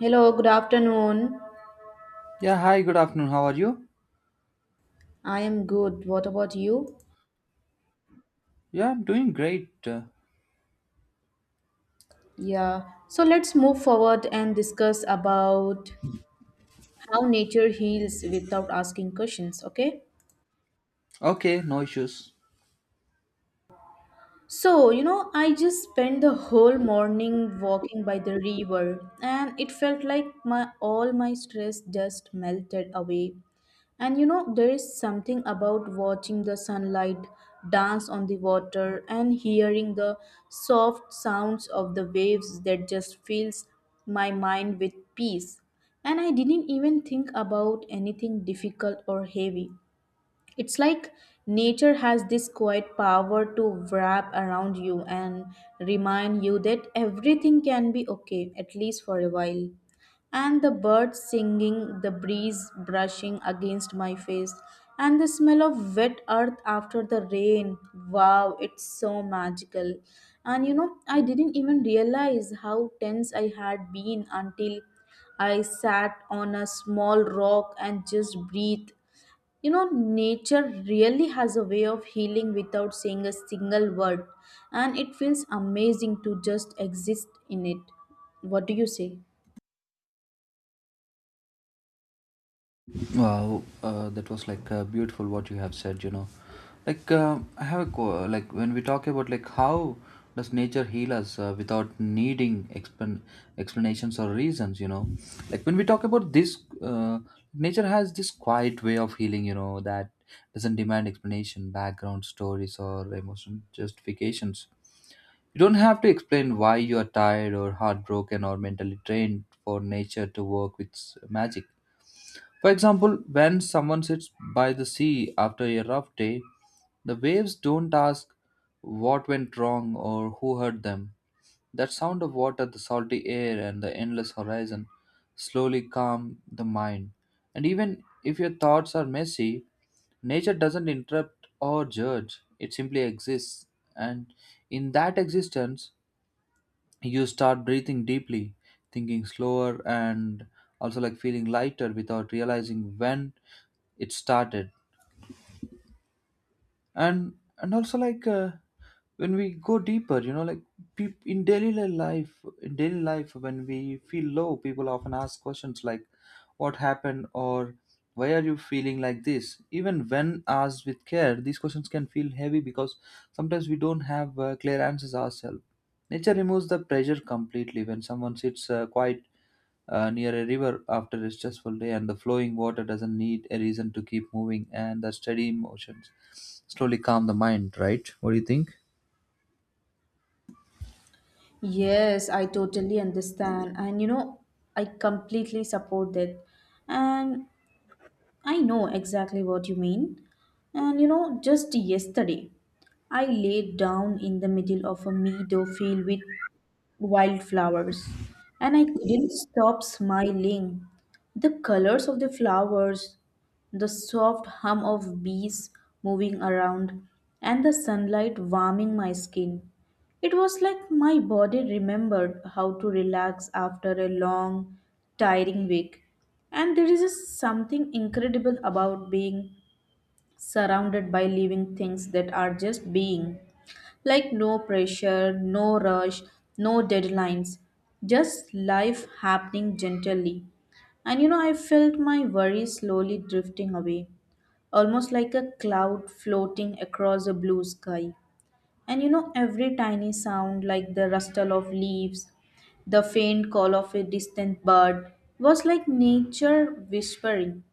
Hello, good afternoon. Yeah, hi, good afternoon. How are you? I am good. What about you? Yeah, I'm doing great. Uh, Yeah. So let's move forward and discuss about how nature heals without asking questions, okay? okay, no issues. So, I just spent the whole morning walking by the river and it felt like my all my stress just melted away. And there is something about watching the sunlight dance on the water and hearing the soft sounds of the waves that just fills my mind with peace. And I didn't even think about anything difficult or heavy. It's like nature has this quiet power to wrap around you and remind you that everything can be okay, at least for a while. And the birds singing, the breeze brushing against my face, and the smell of wet earth after the rain. Wow, it's so magical. And I didn't even realize how tense I had been until I sat on a small rock and just breathed. Nature really has a way of healing without saying a single word, and it feels amazing to just exist in it. What do you say? Wow, that was beautiful what you have said. I have like when we talk about like how does nature heal us without needing expan explanations or reasons. Like when we talk about this, nature has this quiet way of healing, that doesn't demand explanation, background stories, or emotional justifications. You don't have to explain why you are tired or heartbroken or mentally drained for nature to work with magic. For example, when someone sits by the sea after a rough day, the waves don't ask what went wrong or who hurt them. That sound of water, the salty air, and the endless horizon slowly calm the mind. And even if your thoughts are messy, nature doesn't interrupt or judge, it simply exists. And in that existence, you start breathing deeply, thinking slower, and also like feeling lighter without realizing when it started. And and also like when we go deeper, life in daily life, when we feel low, people often ask questions like what happened or why are you feeling like this. Even when asked with care, these questions can feel heavy because sometimes we don't have clear answers ourselves. Nature removes the pressure completely. When someone sits quiet near a river after a stressful day, and the flowing water doesn't need a reason to keep moving, and the steady motions slowly calm the mind, right? What do you think? Yes, I totally understand, and I completely support that, and I know exactly what you mean. And just yesterday, I laid down in the middle of a meadow filled with wildflowers, and I couldn't stop smiling. The colors of the flowers, the soft hum of bees moving around, and the sunlight warming my skin. It was like my body remembered how to relax after a long, tiring week. And there is just something incredible about being surrounded by living things that are just being. Like no pressure, no rush, no deadlines, just life happening gently. And I felt my worries slowly drifting away, almost like a cloud floating across a blue sky. And every tiny sound, like the rustle of leaves, the faint call of a distant bird, was like nature whispering.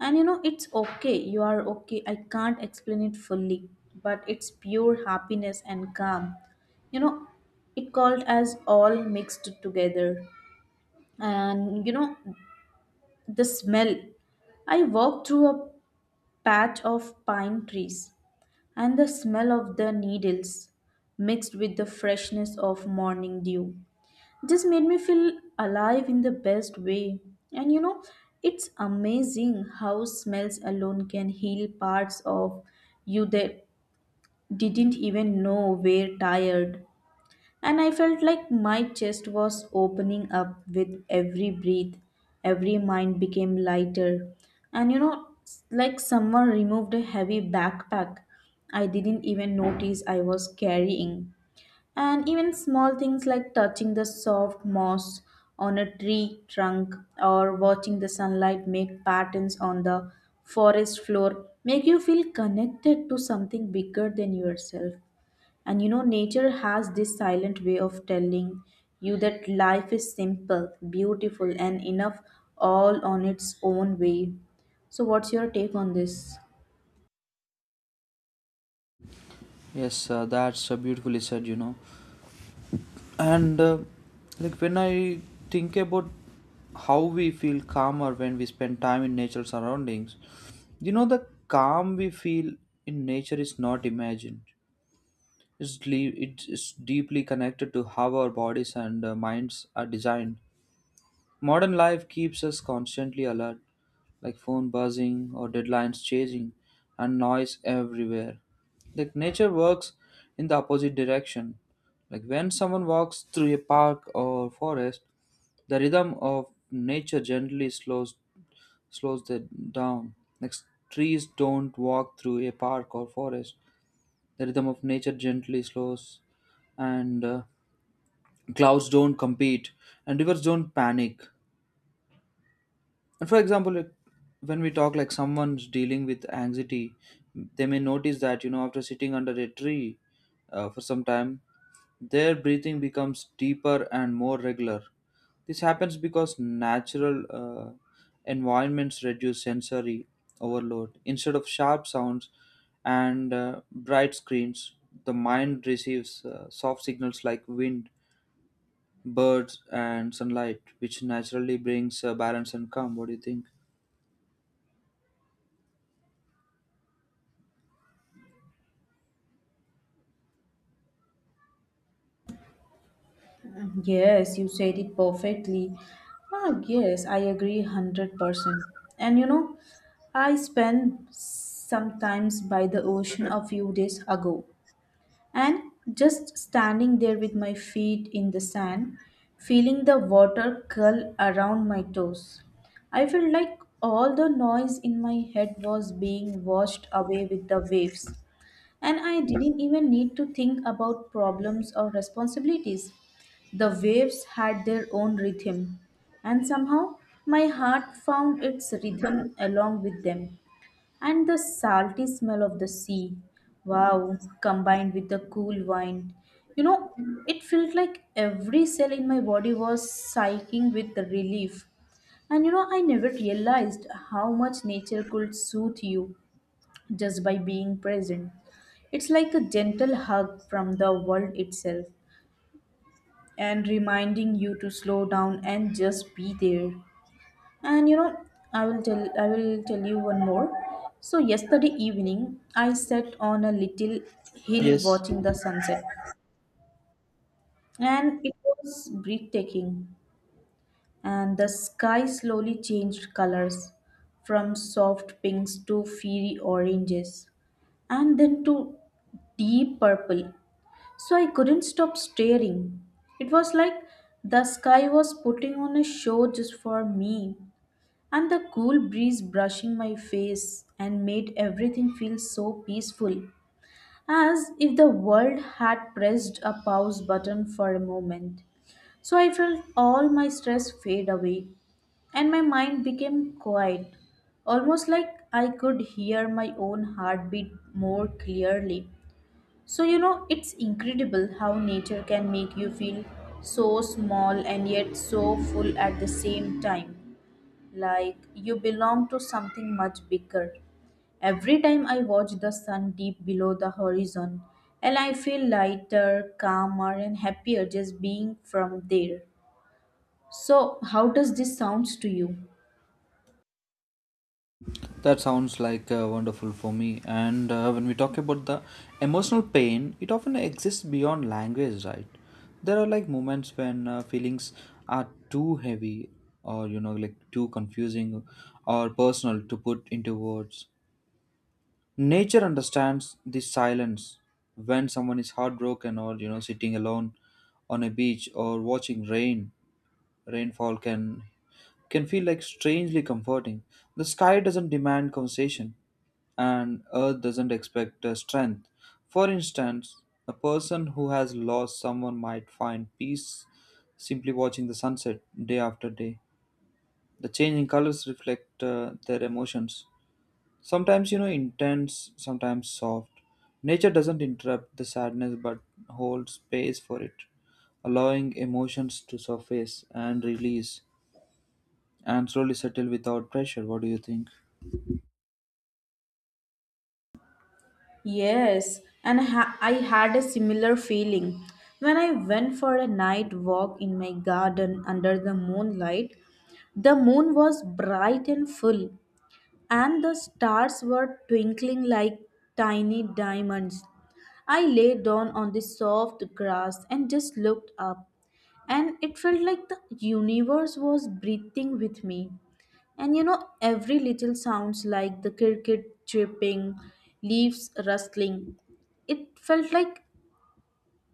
And it's okay, you are okay. I can't explain it fully, but it's pure happiness and calm. You know, it called as all mixed together. And the smell. I walked through a patch of pine trees and the smell of the needles mixed with the freshness of morning dew just made me feel alive in the best way and it's amazing how smells alone can heal parts of you that didn't even know were tired and I felt like my chest was opening up with every breath, every mind became lighter. And like someone removed a heavy backpack I didn't even notice I was carrying. And even small things like touching the soft moss on a tree trunk or watching the sunlight make patterns on the forest floor make you feel connected to something bigger than yourself. And nature has this silent way of telling you that life is simple, beautiful, and enough all on its own way. So, what's your take on this? Yes, that's beautifully said. And when I think about how we feel calmer when we spend time in natural surroundings, you know, the calm we feel in nature is not imagined. It's deeply connected to how our bodies and minds are designed. Modern life keeps us constantly alert, like phone buzzing or deadlines changing and noise everywhere. Like nature works in the opposite direction. Like when someone walks through a park or forest, the rhythm of nature gently slows them down. Like trees don't walk through a park or forest. The rhythm of nature gently slows, and clouds don't compete, and rivers don't panic. And for example, like, when we talk like someone's dealing with anxiety, they may notice that, you know, after sitting under a tree for some time, their breathing becomes deeper and more regular. This happens because natural environments reduce sensory overload. Instead of sharp sounds and bright screens, the mind receives soft signals like wind, birds, and sunlight, which naturally brings balance and calm. What do you think? Yes, you said it perfectly. Yes, I agree 100%. And I spent sometimes by the ocean a few days ago. And just standing there with my feet in the sand, feeling the water curl around my toes, I felt like all the noise in my head was being washed away with the waves. And I didn't even need to think about problems or responsibilities. The waves had their own rhythm, and somehow my heart found its rhythm along with them. And the salty smell of the sea, wow, combined with the cool wine. You know, it felt like every cell in my body was sighing with the relief. And I never realized how much nature could soothe you just by being present. It's like a gentle hug from the world itself and reminding you to slow down and just be there. And I will tell you one more. So yesterday evening, I sat on a little hill Yes, watching the sunset, and it was breathtaking. And the sky slowly changed colors from soft pinks to fiery oranges, and then to deep purple. So I couldn't stop staring. It was like the sky was putting on a show just for me. And the cool breeze brushing my face and made everything feel so peaceful, as if the world had pressed a pause button for a moment. So I felt all my stress fade away and my mind became quiet, almost like I could hear my own heartbeat more clearly. So, it's incredible how nature can make you feel so small and yet so full at the same time like you belong to something much bigger. Every time I watch the sun deep below the horizon, and I feel lighter, calmer, and happier just being from there. So, how does this sounds to you? that sounds like wonderful for me. And when we talk about the emotional pain, it often exists beyond language, right? There are like moments when feelings are too heavy or, you know, like too confusing or personal to put into words. Nature understands this silence. When someone is heartbroken or, you know, sitting alone on a beach or watching rainfall, can feel like strangely comforting. The sky doesn't demand conversation, and earth doesn't expect strength. For instance, a person who has lost someone might find peace simply watching the sunset day after day. The changing colors reflect their emotions. Sometimes, you know, intense, sometimes soft. Nature doesn't interrupt the sadness but holds space for it, allowing emotions to surface and release and slowly settle without pressure. What do you think? Yes, and I had a similar feeling when I went for a night walk in my garden under the moonlight. The moon was bright and full, and the stars were twinkling like tiny diamonds. I lay down on the soft grass and just looked up, and it felt like the universe was breathing with me. And every little sounds like the cricket chirping, leaves rustling. It felt like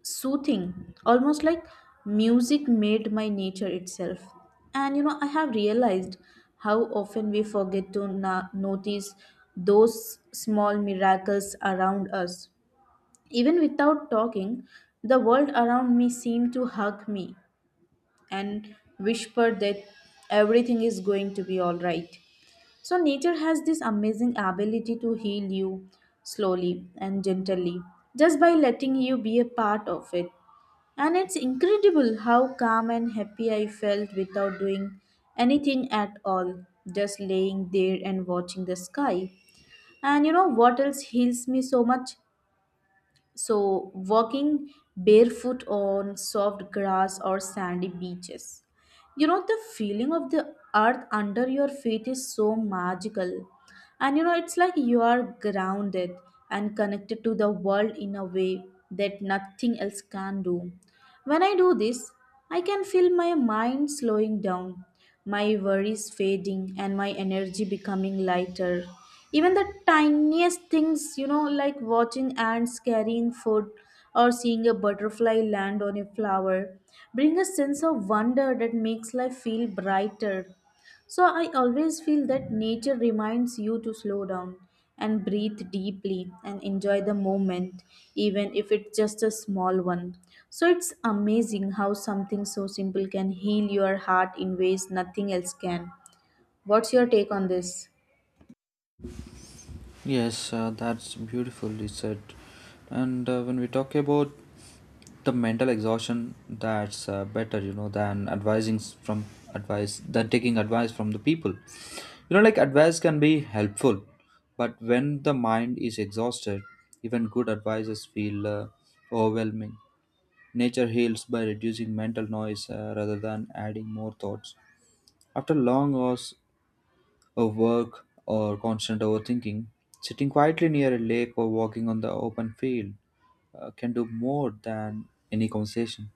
soothing, almost like music made by nature itself. And I have realized how often we forget to notice those small miracles around us. Even without talking, the world around me seemed to hug me, and whispered that everything is going to be all right. So, nature has this amazing ability to heal you slowly and gently just by letting you be a part of it. And it's incredible how calm and happy I felt without doing anything at all, just laying there and watching the sky. And what else heals me so much? So, walking barefoot on soft grass or sandy beaches. You know, the feeling of the earth under your feet is so magical. And it's like you are grounded and connected to the world in a way that nothing else can do. When I do this, I can feel my mind slowing down my worries fading and my energy becoming lighter. Even the tiniest things, like watching ants carrying food or seeing a butterfly land on a flower, bring a sense of wonder that makes life feel brighter. So I always feel that nature reminds you to slow down and breathe deeply and enjoy the moment, even if it's just a small one. So it's amazing how something so simple can heal your heart in ways nothing else can. What's your take on this? Yes, that's beautifully said. And when we talk about the mental exhaustion, that's better, you know, than advising s- from advice than taking advice from the people. You know, like advice can be helpful, but when the mind is exhausted, even good advices feel overwhelming. Nature heals by reducing mental noise rather than adding more thoughts. After long hours of work or constant overthinking, sitting quietly near a lake or walking on the open field can do more than any conversation.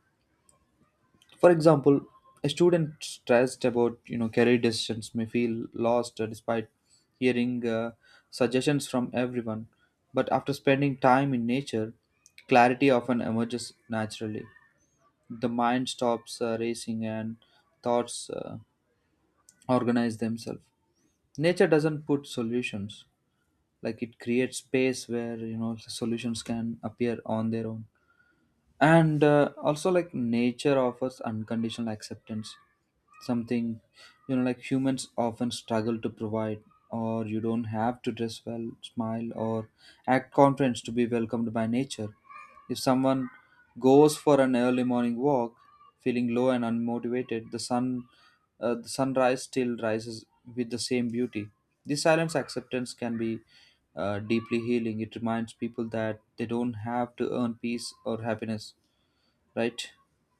For example, a student stressed about, you know, career decisions may feel lost despite hearing suggestions from everyone, but after spending time in nature, clarity often emerges naturally. The mind stops racing and thoughts organize themselves. Nature doesn't put solutions; like it creates space where, you know, solutions can appear on their own. And also like nature offers unconditional acceptance, something, you know, like humans often struggle to provide, or you don't have to dress well, smile, or act confident to be welcomed by nature. If someone goes for an early morning walk feeling low and unmotivated, the sun the sunrise still rises with the same beauty. This silence acceptance can be deeply healing. It reminds people that they don't have to earn peace or happiness, right?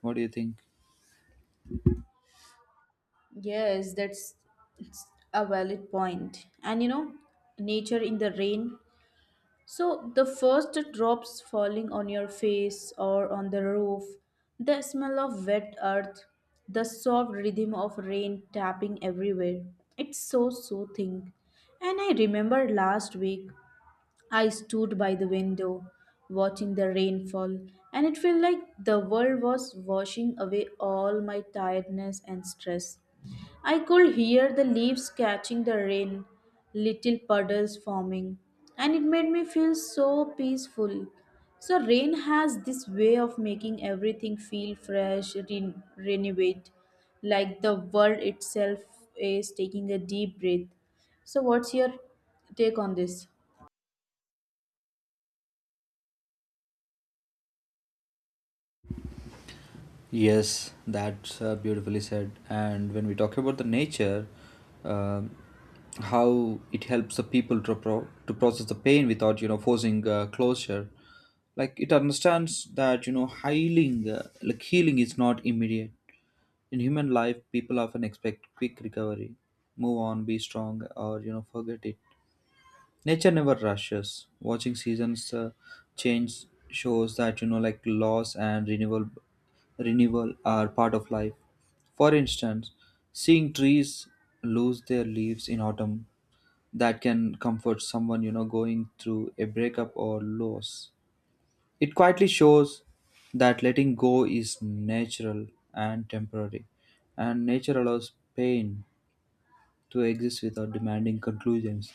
What do you think? Yes, that's it's a valid point. And nature in the rain. So, the first drops falling on your face or on the roof, the smell of wet earth, the soft rhythm of rain tapping everywhere. It's so soothing. And I remember last week I stood by the window, watching the rainfall, and it felt like the world was washing away all my tiredness and stress. I could hear the leaves catching the rain, little puddles forming, and it made me feel so peaceful. So, rain has this way of making everything feel fresh, renewed, like the world itself is taking a deep breath. So, what's your take on this? Yes, that's beautifully said. And when we talk about the nature, um how it helps the people to to process the pain without, you know, forcing closure, like it understands that, you know, healing is not immediate. In human life, people often expect quick recovery, move on, be strong, or, you know, forget it. Nature never rushes. Watching seasons change shows that, you know, like loss and renewal are part of life. For instance, seeing trees lose their leaves in autumn, that can comfort someone, you know, going through a breakup or loss. It quietly shows that letting go is natural and temporary, and nature allows pain to exist without demanding conclusions,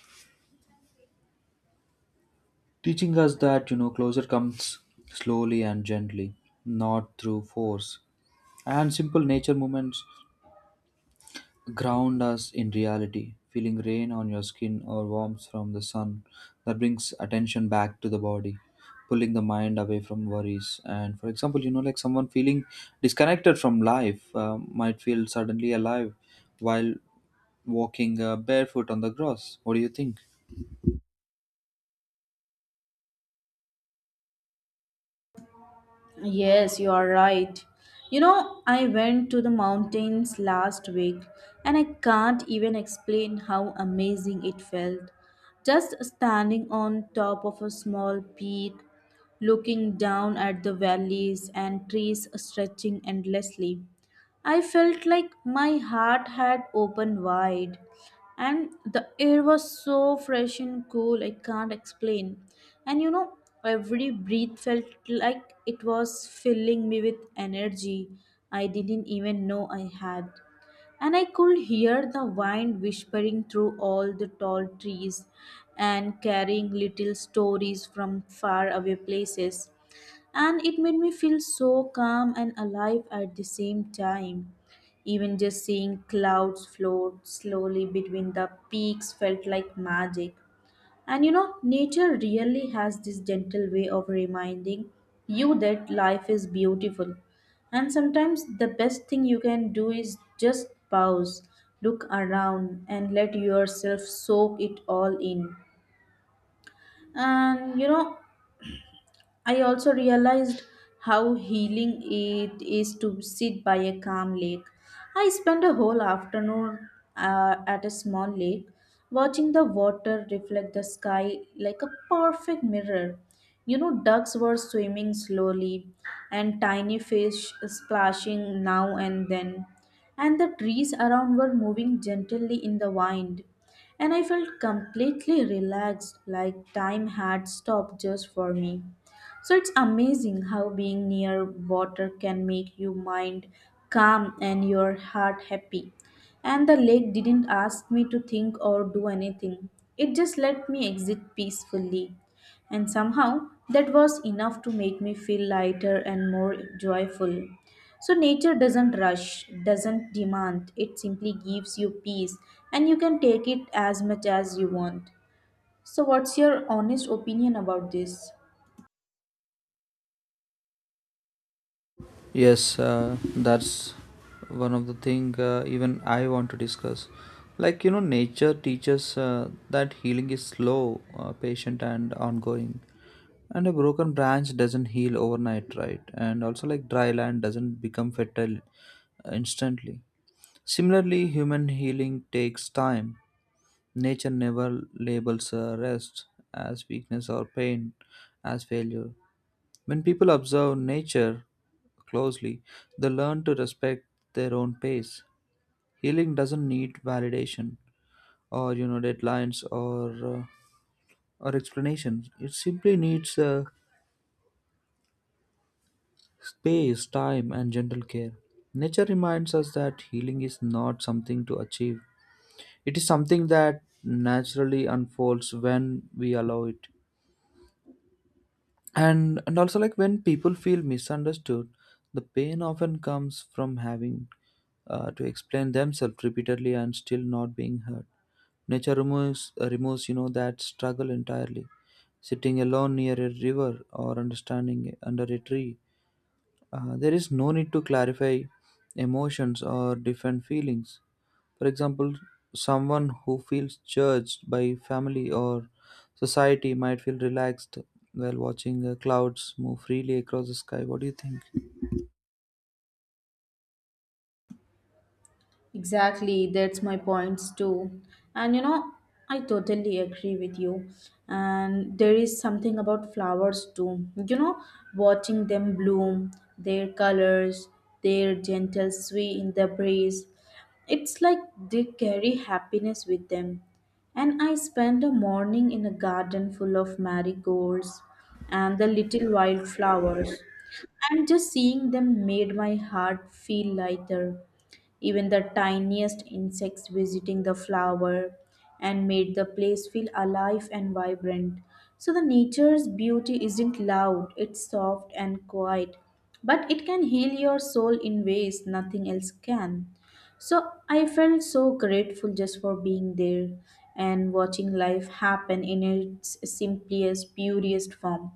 teaching us that, you know, closure comes slowly and gently, not through force. And simple nature movements ground us in reality. Feeling rain on your skin or warmth from the sun, that brings attention back to the body, pulling the mind away from worries. And for example, you know, like someone feeling disconnected from life might feel suddenly alive while walking barefoot on the grass. What do you think? Yes, you are right. You know, I went to the mountains last week and I can't even explain how amazing it felt. Just standing on top of a small peak, looking down at the valleys and trees stretching endlessly. I felt like my heart had opened wide and the air was so fresh and cool, I can't explain. And every breath felt like it was filling me with energy I didn't even know I had, and I could hear the wind whispering through all the tall trees and carrying little stories from far away places, and it made me feel so calm and alive at the same time. Even just seeing clouds float slowly between the peaks felt like magic. And nature really has this gentle way of reminding you that life is beautiful. And sometimes the best thing you can do is just pause, look around, and let yourself soak it all in. And I also realized how healing it is to sit by a calm lake. I spent a whole afternoon at a small lake, watching the water reflect the sky like a perfect mirror. You know, ducks were swimming slowly, and tiny fish splashing now and then, and the trees around were moving gently in the wind. And I felt completely relaxed, like time had stopped just for me. So it's amazing how being near water can make your mind calm and your heart happy. And the lake didn't ask me to think or do anything, it just let me exit peacefully. And somehow that was enough to make me feel lighter and more joyful. So nature doesn't rush, doesn't demand, it simply gives you peace and you can take it as much as you want. So, what's your honest opinion about this? Yes, that's one of the thing even I want to discuss. Like, you know, nature teaches that healing is slow, patient, and ongoing. And a broken branch doesn't heal overnight, right? And also, like dry land doesn't become fertile instantly. Similarly, human healing takes time. Nature never labels rest as weakness or pain as failure. When people observe nature closely, they learn to respect their own pace. Healing doesn't need validation or, you know, deadlines, or explanations. It simply needs space, time, and gentle care. Nature reminds us that healing is not something to achieve. It is something that naturally unfolds when we allow it. And also like when people feel misunderstood, the pain often comes from having to explain themselves repeatedly and still not being heard. Nature removes, you know, that struggle entirely. Sitting alone near a river or understanding under a tree, there is no need to clarify emotions or different feelings. For example, someone who feels judged by family or society might feel relaxed while watching clouds move freely across the sky. What do you think? Exactly, that's my points too. And you know, I totally agree with you. And there is something about flowers too. You know, watching them bloom, their colors, their gentle sway in the breeze. It's like they carry happiness with them. And I spent a morning in a garden full of marigolds and the little wildflowers. And just seeing them made my heart feel lighter, even the tiniest insects visiting the flower and made the place feel alive and vibrant. So the nature's beauty isn't loud, it's soft and quiet, but it can heal your soul in ways nothing else can. So I felt so grateful just for being there and watching life happen in its simplest, purest form.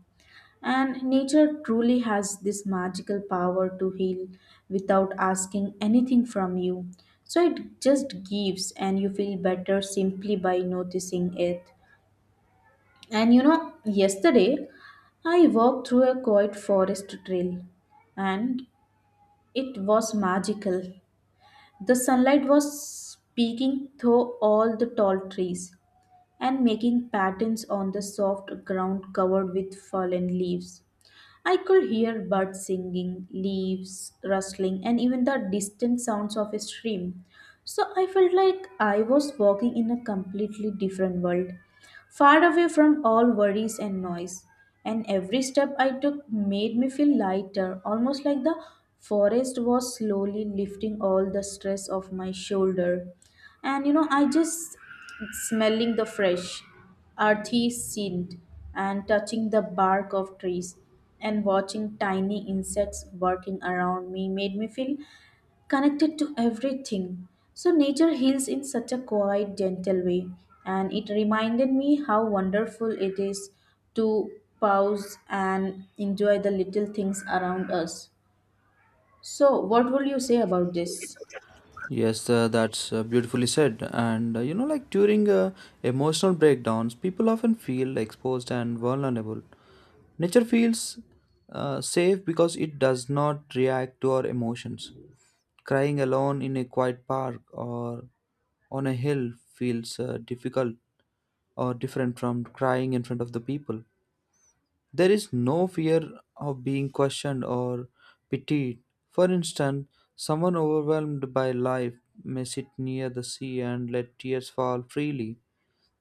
And nature truly has this magical power to heal without asking anything from you. So it just gives, and you feel better simply by noticing it. And you know, yesterday I walked through a quiet forest trail and it was magical. The sunlight was peeking through all the tall trees and making patterns on the soft ground covered with fallen leaves. I could hear birds singing, leaves rustling, and even the distant sounds of a stream. So I felt like I was walking in a completely different world, far away from all worries and noise. And every step I took made me feel lighter, almost like the forest was slowly lifting all the stress off my shoulder. And you know, I just smelling the fresh Arthi scent and touching the bark of trees and watching tiny insects working around me made me feel connected to everything. So, nature heals in such a quiet, gentle way, and it reminded me how wonderful it is to pause and enjoy the little things around us. So, what will you say about this? Yes, that's beautifully said. And you know, like during emotional breakdowns, people often feel exposed and vulnerable. Nature feels safe because it does not react to our emotions. Crying alone in a quiet park or on a hill feels difficult or different from crying in front of the people. There is no fear of being questioned or pitied. For instance, someone overwhelmed by life may sit near the sea and let tears fall freely.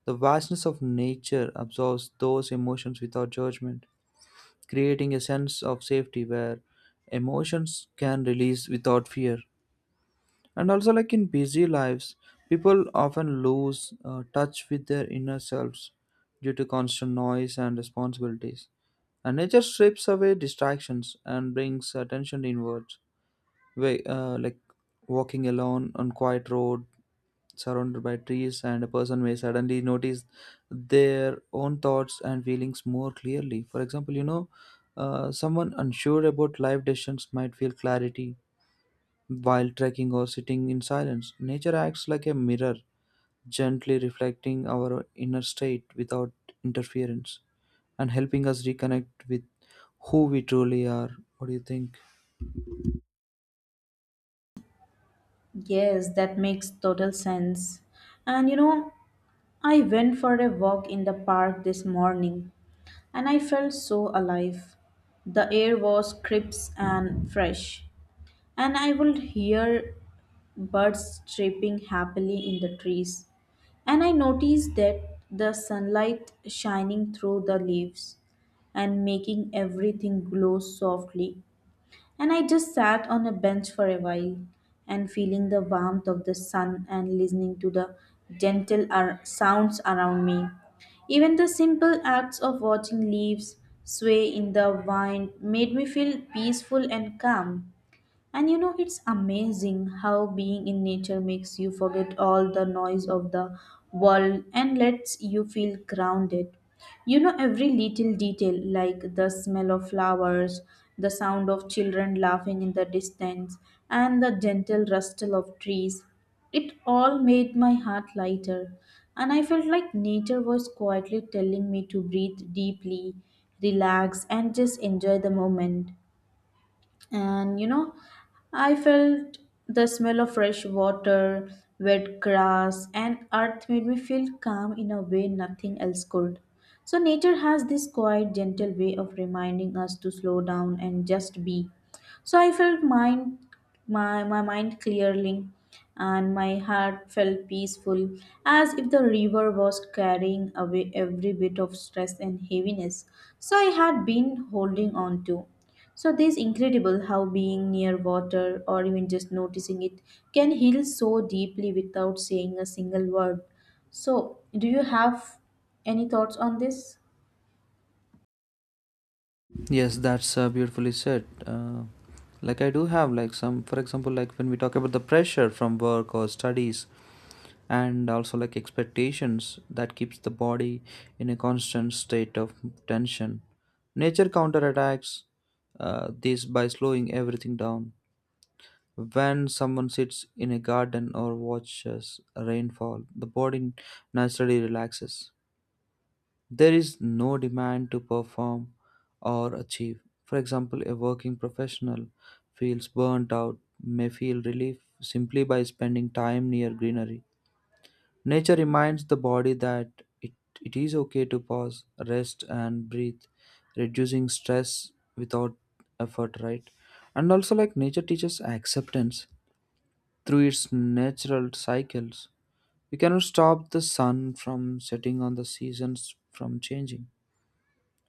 The vastness of nature absorbs those emotions without judgment, creating a sense of safety where emotions can release without fear. And also, like in busy lives, people often lose touch with their inner selves due to constant noise and responsibilities. And nature strips away distractions and brings attention inwards. Like walking alone on quiet road, surrounded by trees, and a person may suddenly notice their own thoughts and feelings more clearly. For example, you know, someone unsure about life decisions might feel clarity while trekking or sitting in silence. Nature acts like a mirror, gently reflecting our inner state without interference and helping us reconnect with who we truly are. What do you think? Yes, that makes total sense. And you know, I went for a walk in the park this morning and I felt so alive. The air was crisp and fresh, and I would hear birds chirping happily in the trees. And I noticed that the sunlight shining through the leaves and making everything glow softly. And I just sat on a bench for a while and feeling the warmth of the sun and listening to the gentle sounds around me. Even the simple acts of watching leaves sway in the wind made me feel peaceful and calm. And you know, it's amazing how being in nature makes you forget all the noise of the world and lets you feel grounded. You know, every little detail, like the smell of flowers, the sound of children laughing in the distance, and the gentle rustle of trees, it all made my heart lighter. And I felt like nature was quietly telling me to breathe deeply, relax, and just enjoy the moment. And you know, I felt the smell of fresh water, wet grass, and earth made me feel calm in a way nothing else could. So nature has this quiet, gentle way of reminding us to slow down and just be. So I felt my mind clearing and my heart felt peaceful, as if the river was carrying away every bit of stress and heaviness so I had been holding on to. So this incredible how being near water or even just noticing it can heal so deeply without saying a single word. So do you have any thoughts on this? Yes, that's beautifully said. Like I do have like some, for example, like when we talk about the pressure from work or studies, and also like expectations that keeps the body in a constant state of tension, nature counterattacks this by slowing everything down. When someone sits in a garden or watches rainfall, the body naturally relaxes. There is no demand to perform or achieve. For example, a working professional feels burnt out, may feel relief simply by spending time near greenery. Nature reminds the body that it, it is okay to pause, rest, and breathe, reducing stress without effort, right? And also, like nature teaches acceptance through its natural cycles. We cannot stop the sun from setting on the seasons from changing.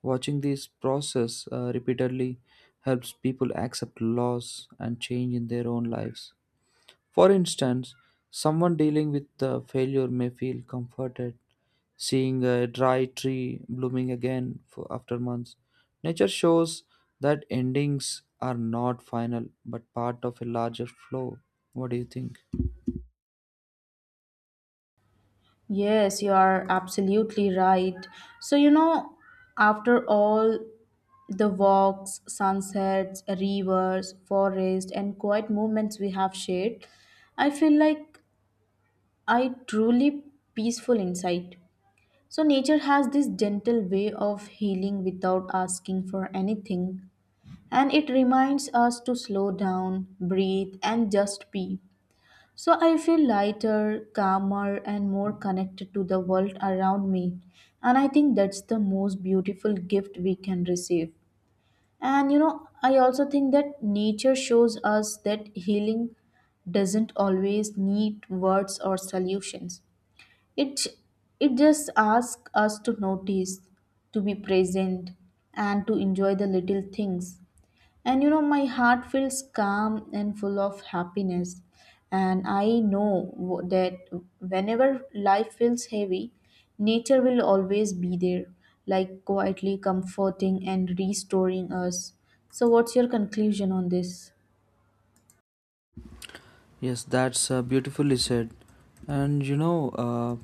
Watching this process repeatedly helps people accept loss and change in their own lives. For instance, someone dealing with the failure may feel comforted seeing a dry tree blooming again for after months. Nature shows that endings are not final but part of a larger flow. What do you think? Yes, you are absolutely right. So, you know, after all the walks, sunsets, rivers, forest, and quiet moments we have shared, I feel like I truly peaceful inside. So, nature has this gentle way of healing without asking for anything, and it reminds us to slow down, breathe, and just be. So, I feel lighter, calmer, and more connected to the world around me, and I think that's the most beautiful gift we can receive. And you know, I also think that nature shows us that healing doesn't always need words or solutions. It it just asks us to notice, to be present, and to enjoy the little things. And you know, my heart feels calm and full of happiness. And I know that whenever life feels heavy, nature will always be there, like quietly comforting and restoring us. So, what's your conclusion on this? Yes, that's beautifully said. And you know,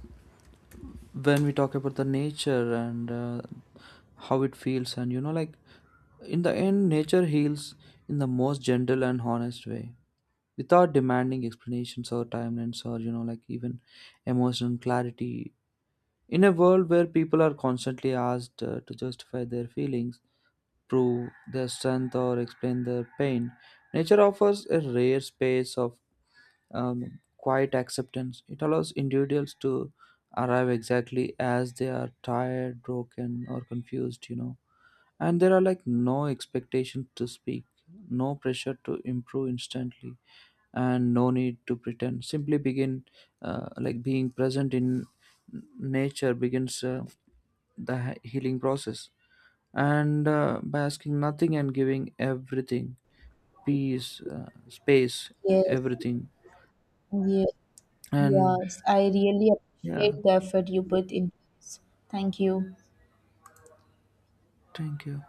when we talk about the nature and how it feels, and you know, like in the end, nature heals in the most gentle and honest way, without demanding explanations or timelines or, you know, like even emotional clarity. In a world where people are constantly asked to justify their feelings, prove their strength, or explain their pain, nature offers a rare space of quiet acceptance. It allows individuals to arrive exactly as they are, tired, broken, or confused, you know. And there are like no expectation to speak, no pressure to improve instantly, and no need to pretend. Simply begin. Like being present in nature begins the healing process. And by asking nothing and giving everything, peace, space, Yes, everything. yes, And yes. I really yeah, appreciate the effort you put in this. Thank you. thank you.